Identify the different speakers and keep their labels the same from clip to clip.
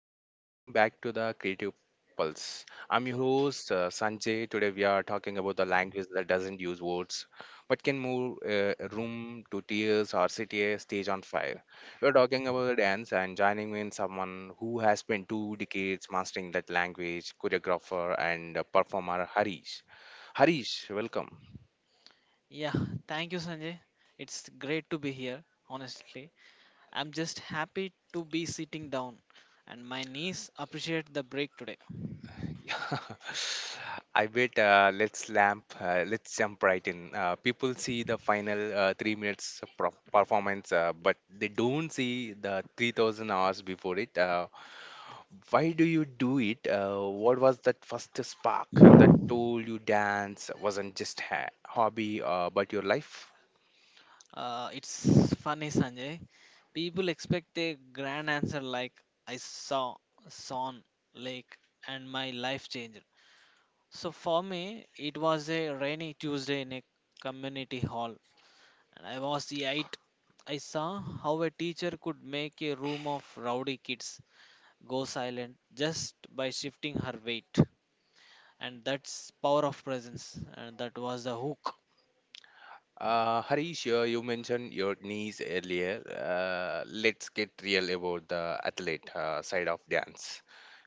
Speaker 1: Welcome back to the Creative Pulse. I'm your host, Sanjay. Today, we are talking about the language that doesn't use words but can move room to tears or set a stage on fire. We're talking about dance, and joining me in someone who has spent two decades mastering that language, choreographer and performer Harish. Harish, welcome.
Speaker 2: It's great to be here, honestly. I'm just happy to be sitting down, and my niece appreciated the break today.
Speaker 1: I bet. Let's jump right in. People see the final 3 minutes of performance, but they don't see the 3,000 hours before it. Why do you do it? What was that first spark that told you dance wasn't just hobby but your life?
Speaker 2: It's funny, Sanjay. People expect a grand answer like I saw Son Lake and my life changer. So for me, it was a rainy Tuesday in a community hall, and I was the eight. I saw how a teacher could make a room of rowdy kids go silent just by shifting her weight, and that's power of presence, and that was the hook.
Speaker 1: Harish, you mentioned your knees earlier. Let's get real about the athlete side of dance.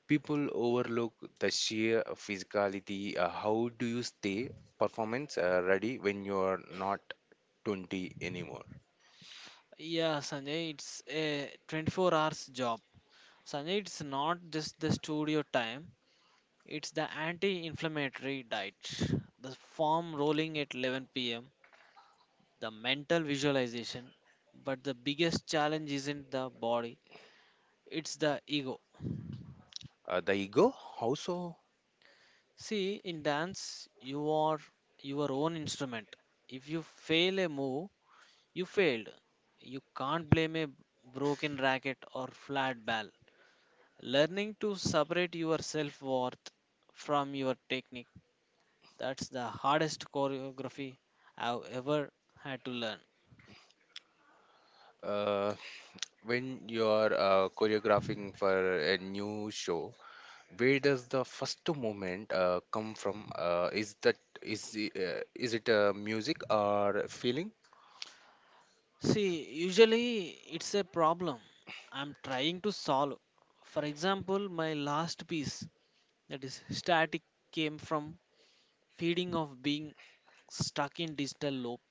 Speaker 1: People overlook the sheer physicality. How do you stay performance ready when you're not 20 anymore?
Speaker 2: Yeah, Sanjay, it's a 24 hours job. Sanjay, it's not just the studio time, it's the anti-inflammatory diet, the foam rolling at 11 p.m., the mental visualization, but the biggest challenge isn't the body, it's the ego.
Speaker 1: The ego, how so?
Speaker 2: See, in dance you are your own instrument. If you fail a move, you failed. You can't blame a broken racket or flat ball. Learning to separate your self worth from your technique, that's the hardest choreography I've ever had to learn.
Speaker 1: Uh, when you're choreographing for a new show, where does the first movement come from? Is that is it music or feeling?
Speaker 2: See, usually it's a problem I'm trying to solve. For example, my last piece, that is static, came from feeding of being stuck in digital loop.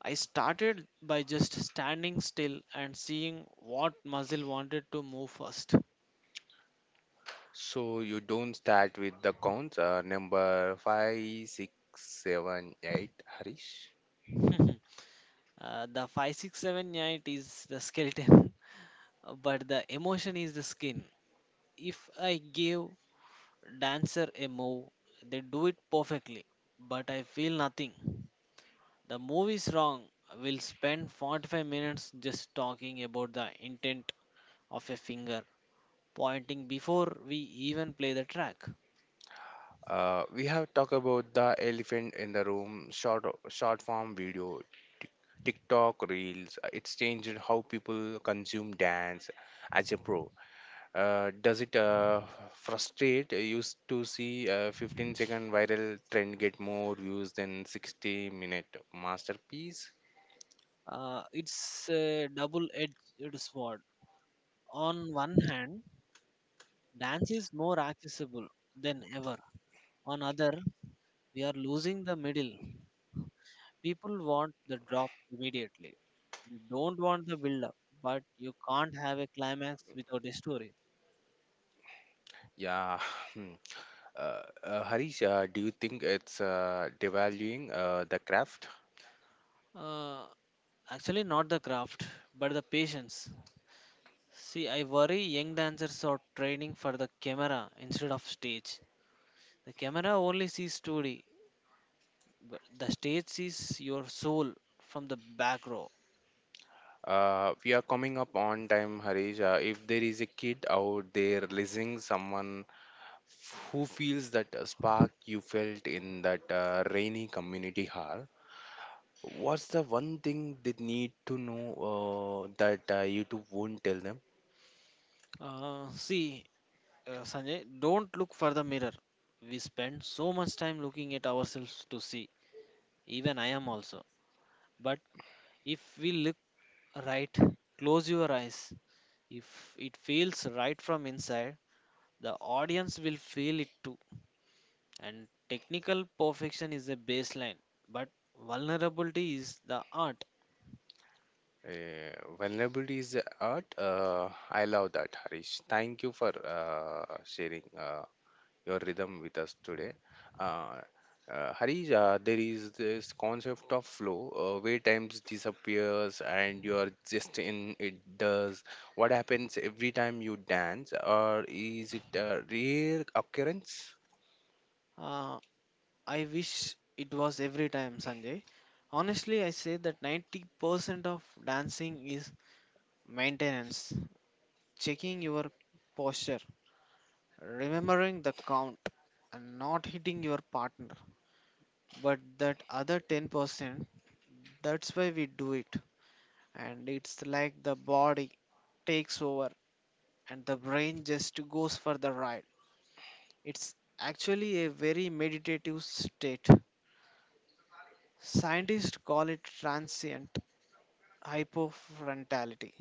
Speaker 2: I started by just standing still and seeing what muscle wanted to move first.
Speaker 1: So you don't start with the counts. Number five, six, seven, eight. Harish.
Speaker 2: The 5678 is the skeleton, but the emotion is the skin. If I give dancer a move, they do it perfectly, but I feel nothing. The move is wrong. We'll spend 45 minutes just talking about the intent of a finger pointing before we even play the track.
Speaker 1: We have talked about the elephant in the room, short form video, Tik- TikTok reels. It's changed how people consume dance as a pro. Does it frustrate? You used to see a 15-second viral trend get more views than 60-minute minute masterpiece.
Speaker 2: It's a double-edged sword. On one hand, dance is more accessible than ever. On other, we are losing the middle. People want the drop immediately. They don't want the build-up, but you can't have a climax without a story.
Speaker 1: Yeah. hmm. Harish, do you think it's devaluing the craft?
Speaker 2: Uh, Actually, not the craft, but the patience. See, I worry young dancers are training for the camera instead of stage. The camera only sees 2D, but the stage sees your soul from the back row.
Speaker 1: We are coming up on time, Harish. If there is a kid out there listening, someone who feels that spark you felt in that rainy community hall, what's the one thing they need to know that YouTube won't tell them?
Speaker 2: Uh, see, Sanjay, don't look for the mirror. We spend so much time looking at ourselves to see. Even I am also. But if we look right, close your eyes. If it feels right from inside, the audience will feel it too. And technical perfection is a baseline, but vulnerability is the art.
Speaker 1: Vulnerability is the art. I love that, Harish. Thank you for sharing your rhythm with us today. Uh, Harish, there is this concept of flow where times disappears and you are just in it does. What happens every time you dance, or is it a rare occurrence?
Speaker 2: Uh, I wish it was every time, Sanjay. Honestly, I say that 90% of dancing is maintenance, checking your posture, remembering the count, and not hitting your partner. But that other 10%, that's why we do it. And it's like the body takes over and the brain just goes for the ride. It's actually a very meditative state. Scientists call it transient hypofrontality.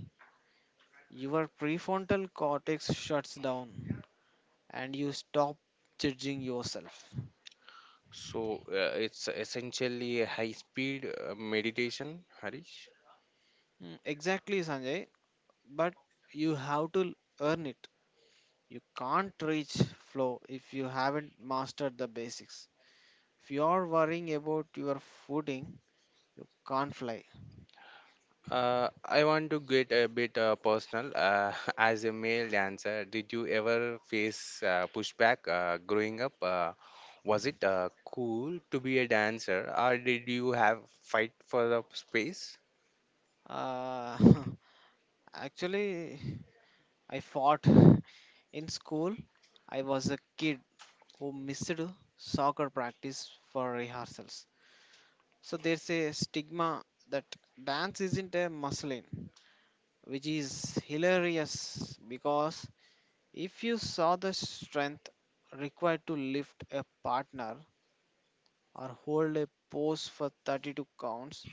Speaker 2: Your prefrontal cortex shuts down and you stop judging yourself.
Speaker 1: So it's essentially a high speed meditation, Harish.
Speaker 2: Mm, exactly, Sanjay, but you have to earn it. You can't reach flow if you haven't mastered the basics. If you're worrying about your footing, you can't fly.
Speaker 1: I want to get a bit personal. As a male dancer, did you ever face pushback growing up? Was it cool to be a dancer, or did you have fight for the space?
Speaker 2: Uh, Actually, I fought in school. I was a kid who missed soccer practice for rehearsals. So there's a stigma that dance isn't a muscle in, which is hilarious because if you saw the strength required to lift a partner or hold a pose for 32 counts,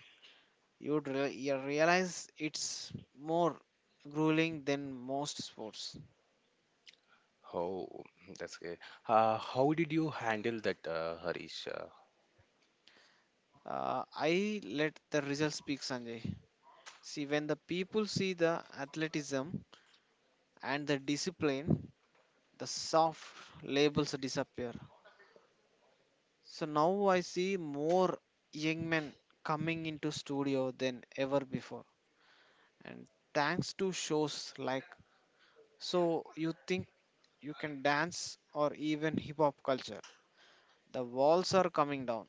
Speaker 2: you realize it's more grueling than most sports.
Speaker 1: Oh, that's great. How did you handle that, Harish?
Speaker 2: I let the results speak, Sanjay. See, when the people see the athleticism and the discipline, the soft labels disappear. So now I see more young men coming into studio than ever before. And thanks to shows like So You Think You Can Dance or even hip hop culture, the walls are coming down.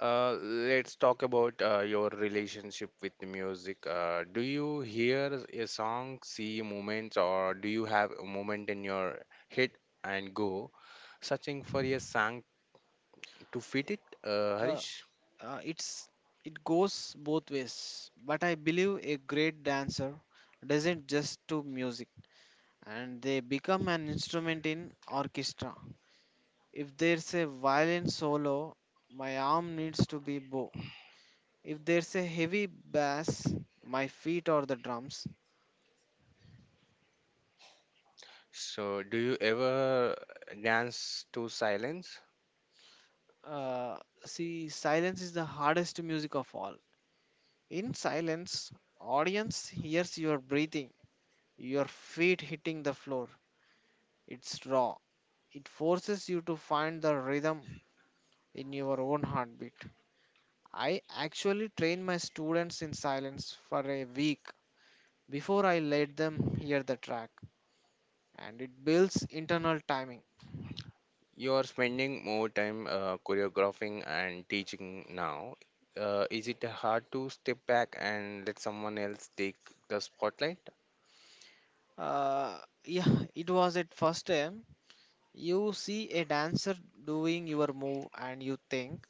Speaker 1: Let's talk about your relationship with the music. Do you hear a song, see moments, or do you have a moment in your head and go, searching for a song to fit it,
Speaker 2: Uh,
Speaker 1: Harish?
Speaker 2: uh, it's it goes both ways, but I believe a great dancer doesn't just do music and they become an instrument in orchestra. If there's a violin solo, my arm needs to be bow. If there's a heavy bass, my feet or the drums.
Speaker 1: So, do you ever dance to silence?
Speaker 2: Uh, Silence is the hardest music of all. In silence, audience hears your breathing, your feet hitting the floor. It's raw. It forces you to find the rhythm in your own heartbeat. I actually train my students in silence for a week before I let them hear the track, and it builds internal timing.
Speaker 1: You are spending more time choreographing and teaching now. Is it hard to step back and let someone else take the spotlight?
Speaker 2: Uh, yeah, it was at first time. You see a dancer doing your move and you think,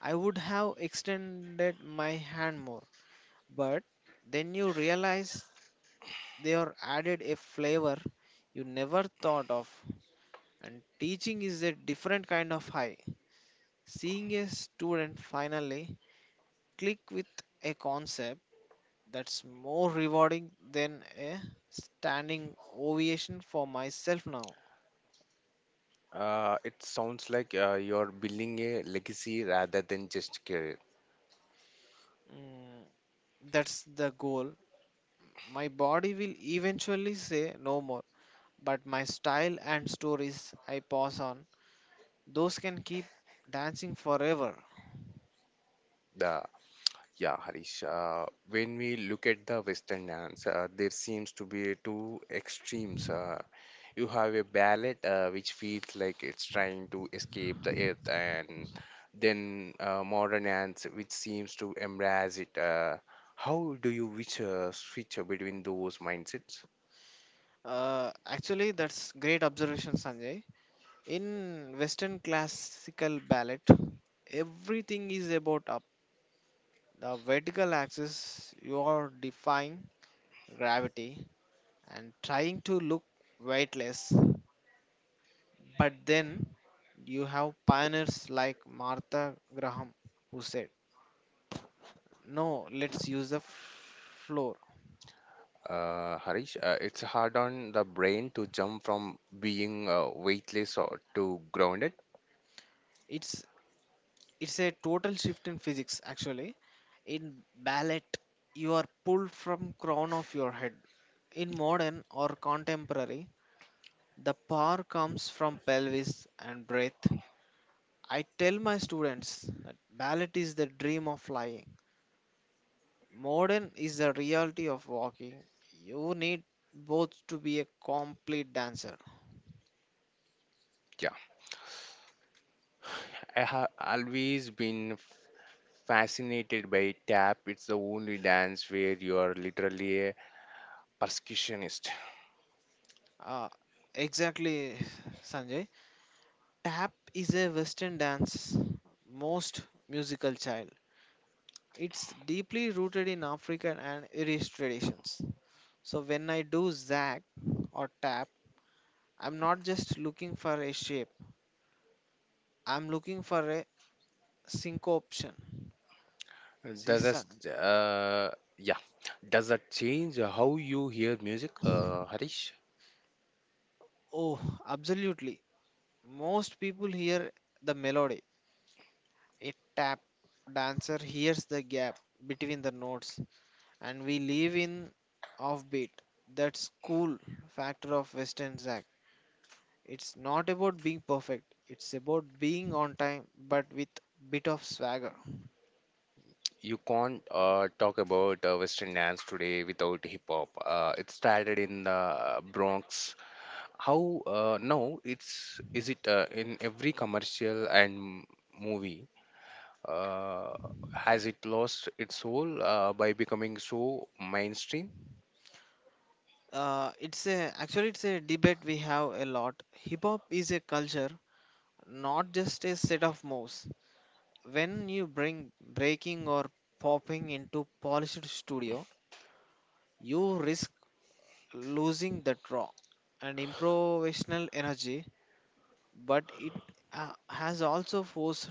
Speaker 2: I would have extended my hand more. But then you realize they are added a flavor you never thought of. And teaching is a different kind of high. Seeing a student finally click with a concept, that's more rewarding than a standing ovation for myself now.
Speaker 1: It sounds like you're building a legacy rather than just career.
Speaker 2: Mm, that's the goal. My body will eventually say no more, but my style and stories I pass on, those can keep dancing forever.
Speaker 1: The Yeah, Harish. When we look at the Western dance, there seems to be two extremes. You have a ballad which feels like it's trying to escape the earth, and then modern dance which seems to embrace it. How do you which switch between those mindsets,
Speaker 2: Actually, that's great observation, Sanjay. In Western classical ballet, everything is about up. The vertical axis, you are defying gravity and trying to look weightless. But then you have pioneers like Martha Graham who said, no, let's use the floor.
Speaker 1: Harish? It's hard on the brain to jump from being weightless or to grounded.
Speaker 2: It's it's a total shift in physics actually. In ballet, you are pulled from crown of your head. In modern or contemporary, the power comes from pelvis and breath. I tell my students that ballet is the dream of flying. Modern is the reality of walking. You need both to be a complete dancer.
Speaker 1: Yeah, I have always been fascinated by tap. It's the only dance where you are literally a percussionist.
Speaker 2: Uh, exactly, Sanjay. Tap is a Western dance, most musical child. It's deeply rooted in African and Irish traditions. So when I do zag or tap, I'm not just looking for a shape. I'm looking for a syncopation. See,
Speaker 1: Does
Speaker 2: son-
Speaker 1: that, uh, yeah, does that change how you hear music, Harish?
Speaker 2: oh, absolutely. Most people hear the melody. A tap dancer hears the gap between the notes, and we live in offbeat. That's cool factor of Western zag. It's not about being perfect. It's about being on time, but with bit of swagger.
Speaker 1: You can't talk about Western dance today without hip hop. It started in the Bronx. How Now it's is it in every commercial and movie? Uh, has it lost its soul by becoming so mainstream?
Speaker 2: It's a Actually, it's a debate we have a lot. Hip hop is a culture, not just a set of moves. When you bring breaking or popping into polished studio, you risk losing that raw and improvisational energy. But it has also forced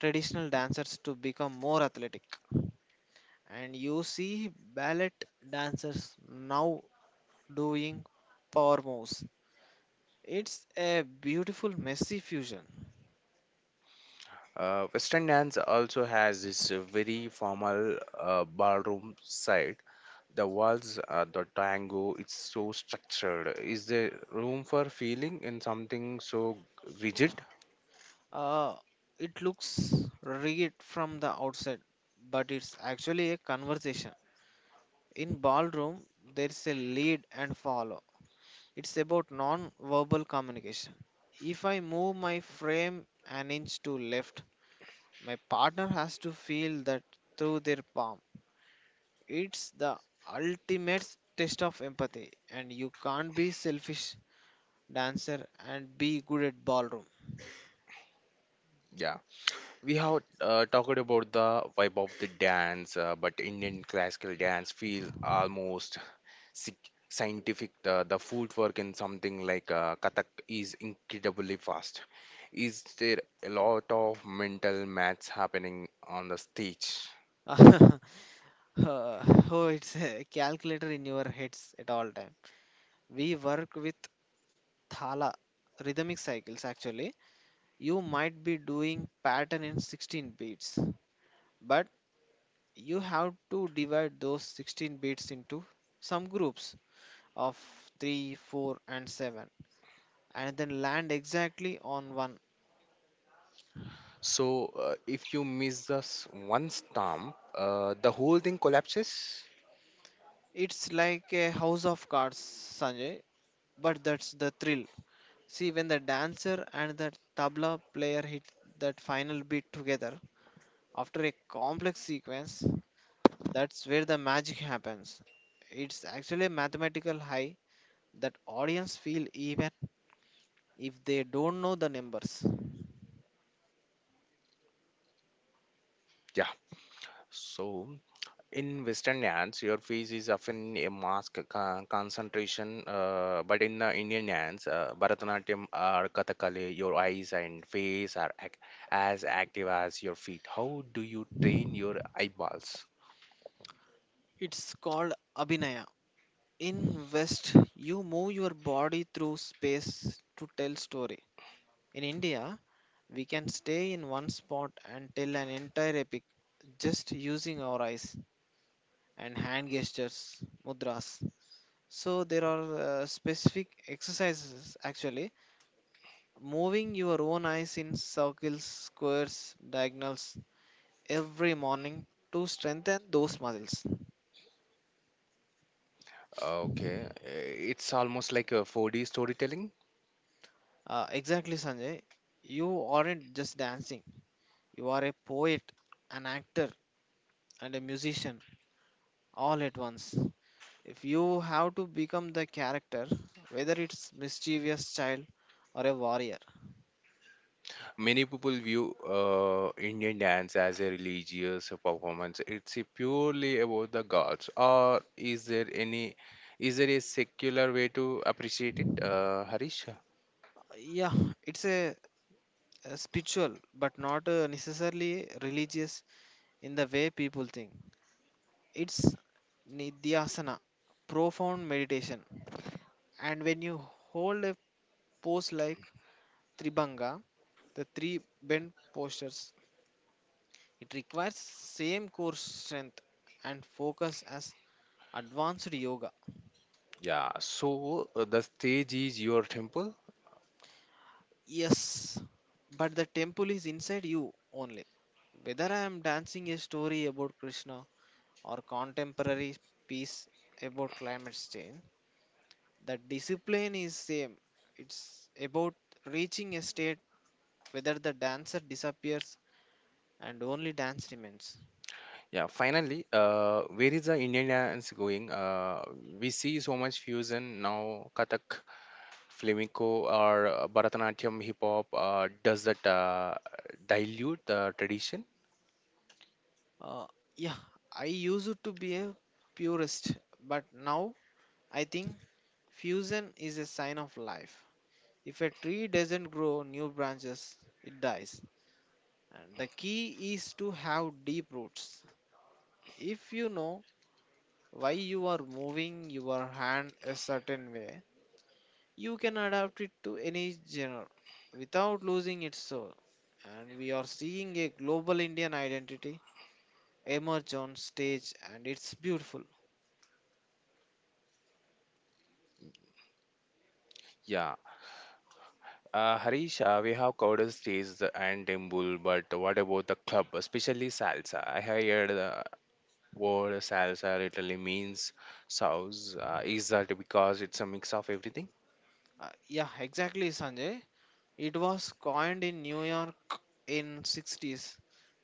Speaker 2: traditional dancers to become more athletic. And you see ballet dancers now doing power moves. It's a beautiful, messy fusion.
Speaker 1: Western dance also has this very formal ballroom side. The waltz, the tango, it's so structured. Is there room for feeling in something so rigid?
Speaker 2: Uh, it looks rigged from the outside, but it's actually a conversation. In ballroom, there's a lead and follow. It's about non-verbal communication. If I move my frame an inch to left, my partner has to feel that through their palm. It's the ultimate test of empathy, and you can't be selfish dancer and be good at ballroom.
Speaker 1: Yeah. We have talked about the vibe of the dance, but Indian classical dance feels almost sick. Scientific, the footwork in something like Kathak is incredibly fast. Is there a lot of mental maths happening on the stage?
Speaker 2: Uh, oh, it's a calculator in your heads at all time. We work with thala rhythmic cycles actually. You might be doing pattern in 16 beats, but you have to divide those 16 beats into some groups of 3, 4 and 7 and then land exactly on one.
Speaker 1: So, if you miss this one stump, the whole thing collapses.
Speaker 2: It's like a house of cards, Sanjay, but that's the thrill. See, when the dancer and the tabla player hit that final beat together after a complex sequence, that's where the magic happens. It's actually a mathematical high that audience feel even if they don't know the numbers.
Speaker 1: Yeah. So, in Western dance, your face is often a mask concentration, but in the Indian dance, Bharatanatyam or Kathakali, your eyes and face are as active as your feet. How do you train your eyeballs?
Speaker 2: It's called Abhinaya. In West, you move your body through space to tell story. In India, we can stay in one spot and tell an entire epic just using our eyes and hand gestures, mudras. So there are specific exercises actually. Moving your own eyes in circles, squares, diagonals every morning to strengthen those muscles.
Speaker 1: Okay, it's almost like a 4D storytelling.
Speaker 2: Exactly, Sanjay. You aren't just dancing, you are a poet, an actor, and a musician all at once. If you have to become the character, whether it's mischievous child or a warrior,
Speaker 1: Many people view Indian dance as a religious performance. It's purely about the gods, or is there any, is there a secular way to appreciate it, Harish?
Speaker 2: yeah, it's a spiritual, but not necessarily religious in the way people think. It's nidhyasana, profound meditation. And when you hold a pose like Tribhanga, the three bent postures, it requires same core strength and focus as advanced yoga.
Speaker 1: Yeah. So the stage is your temple.
Speaker 2: Yes, but the temple is inside you only. Whether I am dancing a story about Krishna or contemporary piece about climate change, the discipline is same. It's about reaching a state whether the dancer disappears and only dance remains.
Speaker 1: Yeah. Finally, where is the Indian dance going? We see so much fusion now: Kathak, flamenco, or Bharatanatyam, hip hop. Does that dilute the tradition?
Speaker 2: Uh, yeah, I used to be a purist, but now I think fusion is a sign of life. If a tree doesn't grow new branches, it dies. And the key is to have deep roots. If you know why you are moving your hand a certain way, you can adapt it to any genre without losing its soul. And we are seeing a global Indian identity emerge on stage, and it's beautiful.
Speaker 1: Yeah. Harish, we have covered stages and Dimbul, but what about the club, especially salsa? I have heard the word salsa literally means sauce. Is that because it's a mix of everything?
Speaker 2: Yeah, exactly, Sanjay. It was coined in New York in '60s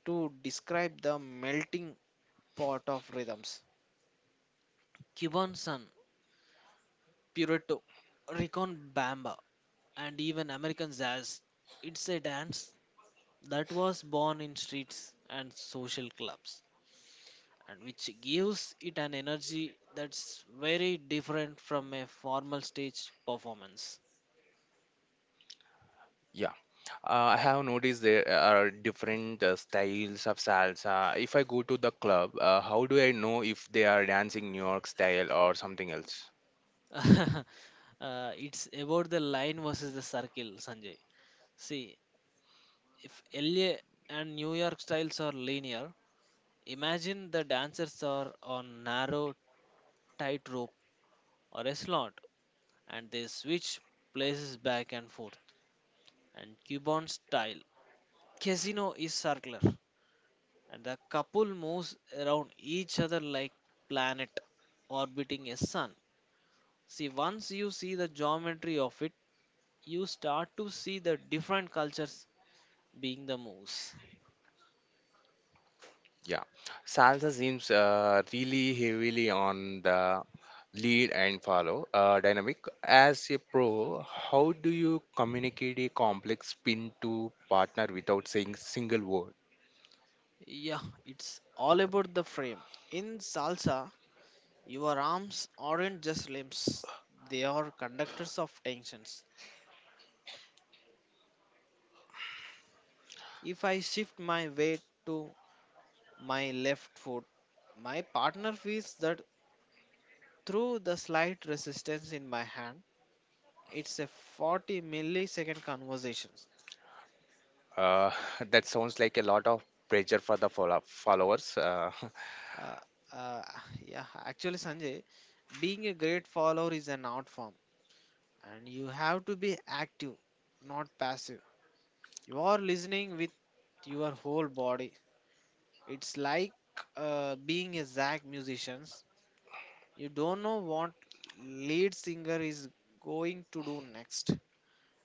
Speaker 2: to describe the melting pot of rhythms. Cuban sun, Puerto Rican bamba, and even American jazz. It's a dance that was born in streets and social clubs, and which gives it an energy that's very different from a formal stage performance.
Speaker 1: Yeah, I have noticed there are different styles of salsa. If I go to the club, how do I know if they are dancing New York style or something else?
Speaker 2: It's about the line versus the circle, Sanjay. See, if LA and New York styles are linear, imagine the dancers are on narrow tightrope or a slot and they switch places back and forth. And Cuban style casino is circular, and the couple moves around each other like planet orbiting a sun. See, once you see the geometry of it, you start to see the different cultures being the moves.
Speaker 1: Yeah, salsa seems really heavily on the lead and follow dynamic as a pro, how do you communicate a complex spin to partner without saying single word?
Speaker 2: Yeah, it's all about the frame. In salsa, your arms aren't just limbs, they are conductors of tensions. If I shift my weight to my left foot. My partner feels that through the slight resistance in my hand. It's a 40 millisecond conversation.
Speaker 1: uh, that sounds like a lot of pressure for the followers. Uh,
Speaker 2: Uh, uh, yeah, actually, Sanjay, being a great follower is an art form, and you have to be active, not passive. You are listening with your whole body. It's like being a Zach musician. You don't know what lead singer is going to do next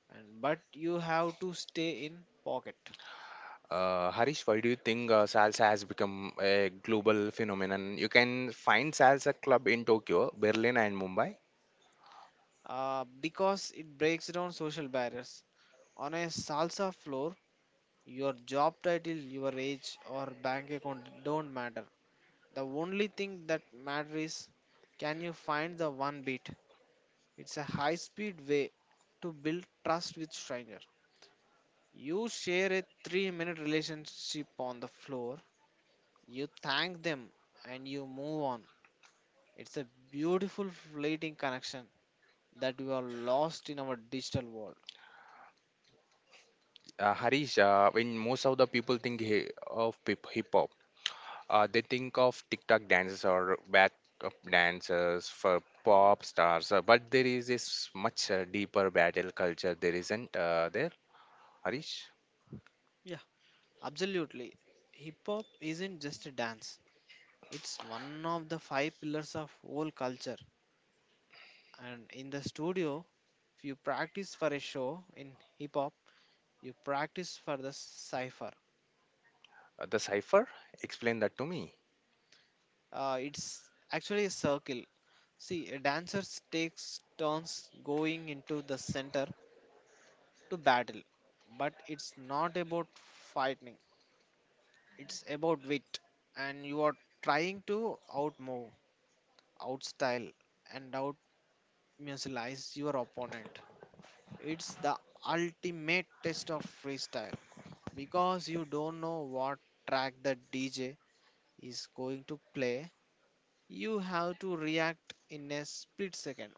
Speaker 2: and but you have to stay in pocket
Speaker 1: Harish, why do you think salsa has become a global phenomenon? You can find salsa club in Tokyo, Berlin and Mumbai.
Speaker 2: because it breaks down social barriers on a salsa floor, your job title, your age, or bank account don't matter. The only thing that matters is, can you find the one beat? It's a high speed way to build trust with stranger. You share a 3-minute relationship on the floor, you thank them, and you move on. It's a beautiful fleeting connection that we are lost in our digital world.
Speaker 1: Harish, when most of the people think of hip hop, they think of TikTok dances or backup dancers for pop stars, but there is this much deeper battle culture. There isn't there, Harish.
Speaker 2: Yeah, absolutely. Hip hop isn't just a dance. It's one of the five pillars of whole culture. And in the studio, if you practice for a show in hip hop, you practice for the cipher.
Speaker 1: The cipher, explain that to me.
Speaker 2: It's actually a circle. See, a dancer takes turns going into the center to battle, but it's not about fighting. It's about wit, and you are trying to outmove, outstyle, and out musicalize your opponent. It's the ultimate test of freestyle because you don't know what track the DJ is going to play. You have to react in a split second.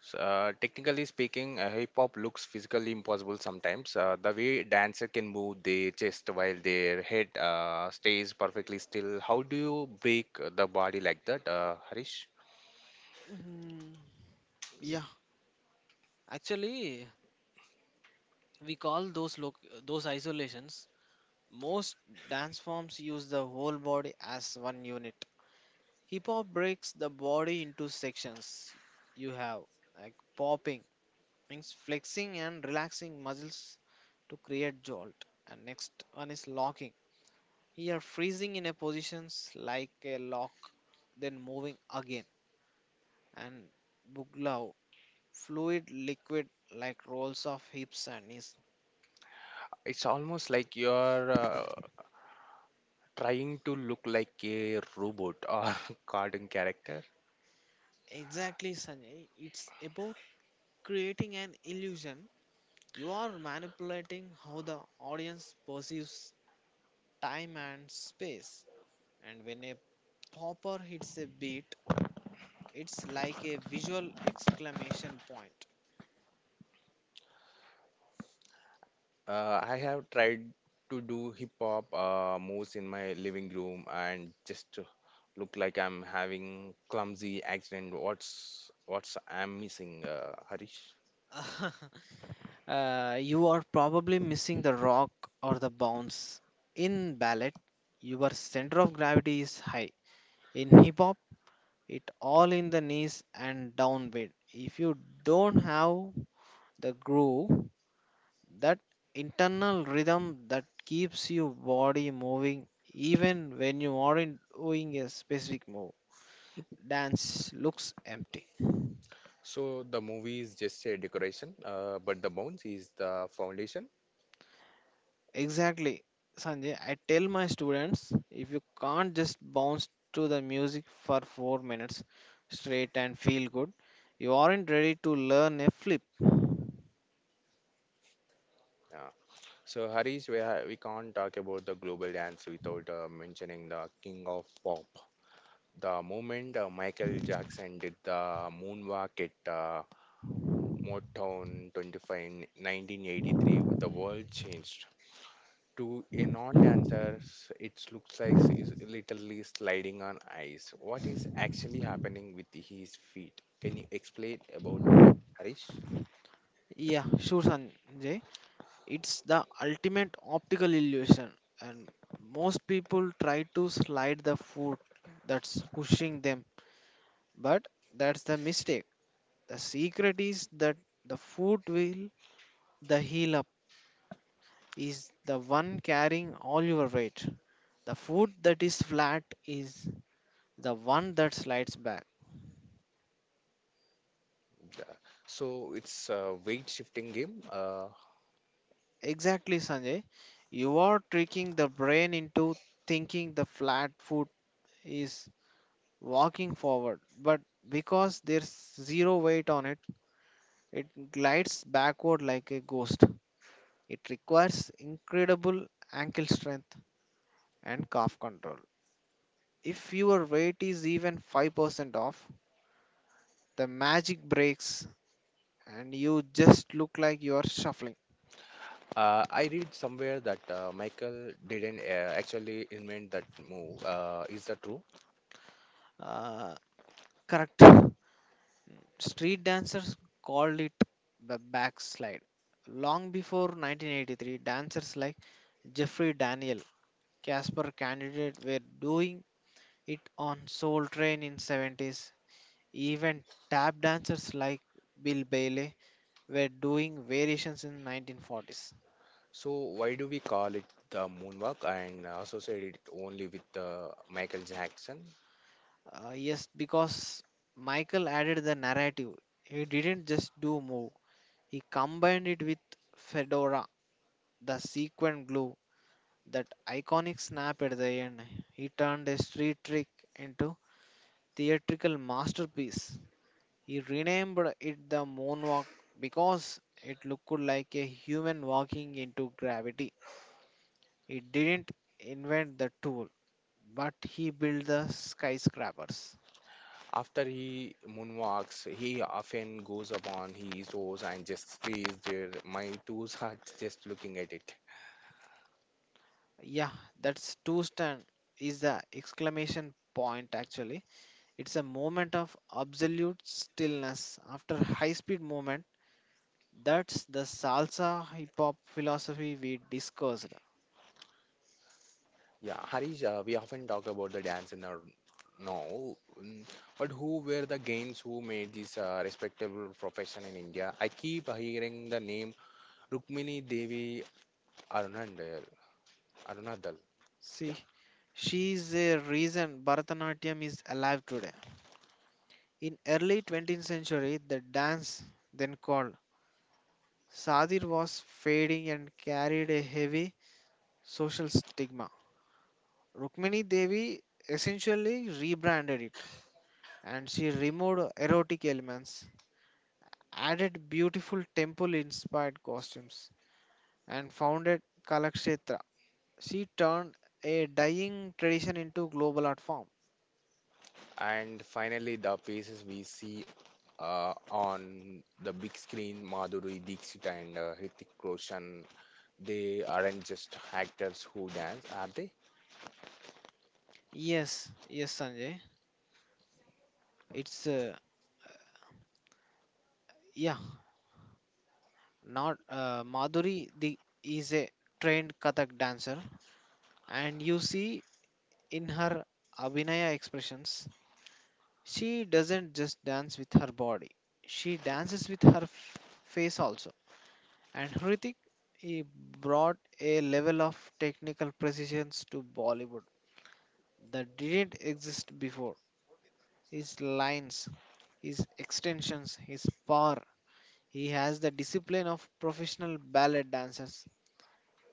Speaker 1: So, technically speaking, hip hop looks physically impossible sometimes. The way dancer can move their chest while their head stays perfectly still. How do you break the body like that, Harish?
Speaker 2: Hmm. Yeah, actually, we call those loc those isolations. Most dance forms use the whole body as one unit. Hip hop breaks the body into sections. You have like popping means flexing and relaxing muscles to create jolt, and next one is locking. You are freezing in a positions like a lock, then moving again. And buglaw, fluid liquid like rolls of hips and knees.
Speaker 1: It's almost like you're trying to look like a robot or cartoon character.
Speaker 2: Exactly, Sanjay. It's about creating an illusion. You are manipulating how the audience perceives time and space. And when a popper hits a beat, it's like a visual exclamation point.
Speaker 1: I have tried to do hip hop moves in my living room and just to look like I'm having clumsy accident. What's I'm missing, Harish?
Speaker 2: You are probably missing the rock or the bounce. In ballet, your center of gravity is high. In hip hop, it all in the knees and downbeat. If you don't have the groove, that internal rhythm that keeps your body moving even when you aren't doing a specific move, dance looks empty.
Speaker 1: So the movie is just a decoration, but the bones is the foundation.
Speaker 2: Exactly, Sanjay, I tell my students, if you can't just bounce to the music for 4 minutes straight and feel good, you aren't ready to learn a flip.
Speaker 1: Yeah. So Harish, we can't talk about the global dance without mentioning the king of pop. The moment Michael Jackson did the moonwalk at Motown 25 in 1983, the world changed. To a non-dancer, it looks like is literally sliding on ice. What is actually happening with his feet? Can you explain about it, Harish?
Speaker 2: Yeah, sure, Sanjay. It's the ultimate optical illusion, and most people try to slide the foot that's pushing them, but that's the mistake. The secret is that the foot will, the heel up, is the one carrying all your weight. The foot that is flat is the one that slides back.
Speaker 1: Yeah. So it's a weight shifting game.
Speaker 2: Exactly, Sanjay. You are tricking the brain into thinking the flat foot is walking forward, but because there's zero weight on it, it glides backward like a ghost. It requires incredible ankle strength and calf control. If your weight is even 5% off, the magic breaks and you just look like you are shuffling.
Speaker 1: I read somewhere that Michael didn't actually invent that move. Is that true?
Speaker 2: Uh, correct. Street dancers called it the backslide. Long before 1983, dancers like Jeffrey Daniel Casper candidate were doing it on Soul Train in 70s. Even tap dancers like Bill Bailey were doing variations in 1940s.
Speaker 1: So why do we call it the moonwalk and associate it only with Michael Jackson?
Speaker 2: Yes, because Michael added the narrative. He didn't just do move. He combined it with Fedora, the sequin glue, that iconic snap at the end. He turned a street trick into theatrical masterpiece. He renamed it the moonwalk because it looked like a human walking into gravity. He didn't invent the tool, but he built the skyscrapers.
Speaker 1: After he moonwalks, he often goes upon his toes and just stays there. My toes are just looking at it.
Speaker 2: Yeah, that's two stand is the exclamation point actually. It's a moment of absolute stillness after high speed movement. That's the salsa hip hop philosophy we discussed.
Speaker 1: Yeah, Harish, we often talk about the dance in our now, mm, but who were the gains who made this respectable profession in India? I keep hearing the name Rukmini Devi Arunadal. Arunadal.
Speaker 2: See, she's is a reason Bharatanatyam is alive today. In early 20th century, the dance, then called sadir, was fading and carried a heavy social stigma. Rukmini Devi essentially rebranded it, and she removed erotic elements, added beautiful temple-inspired costumes, and founded Kalakshetra. She turned a dying tradition into global art form.
Speaker 1: And finally, the faces we see on the big screen, Madhuri Dixit and Hrithik Roshan, they aren't just actors who dance, are they?
Speaker 2: Yes, yes, Sanjay. It's yeah. Not Madhuri the, is a trained Kathak dancer, and you see in her Abhinaya expressions, she doesn't just dance with her body, she dances with her face also. And Hrithik, he brought a level of technical precision to Bollywood that didn't exist before. His lines, his extensions, his power. He has the discipline of professional ballet dancers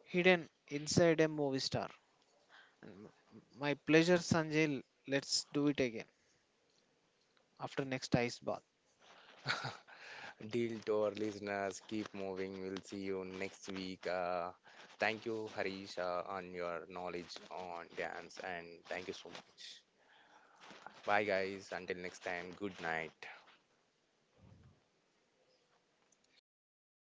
Speaker 2: hidden inside a movie star. And m- My pleasure, Sanjay. Let's do it again after next ice bath.
Speaker 1: Deal to our listeners, keep moving. We'll see you next week. Thank you, Harish, on your knowledge on dance, and thank you so much. Bye, guys. Until next time, good night.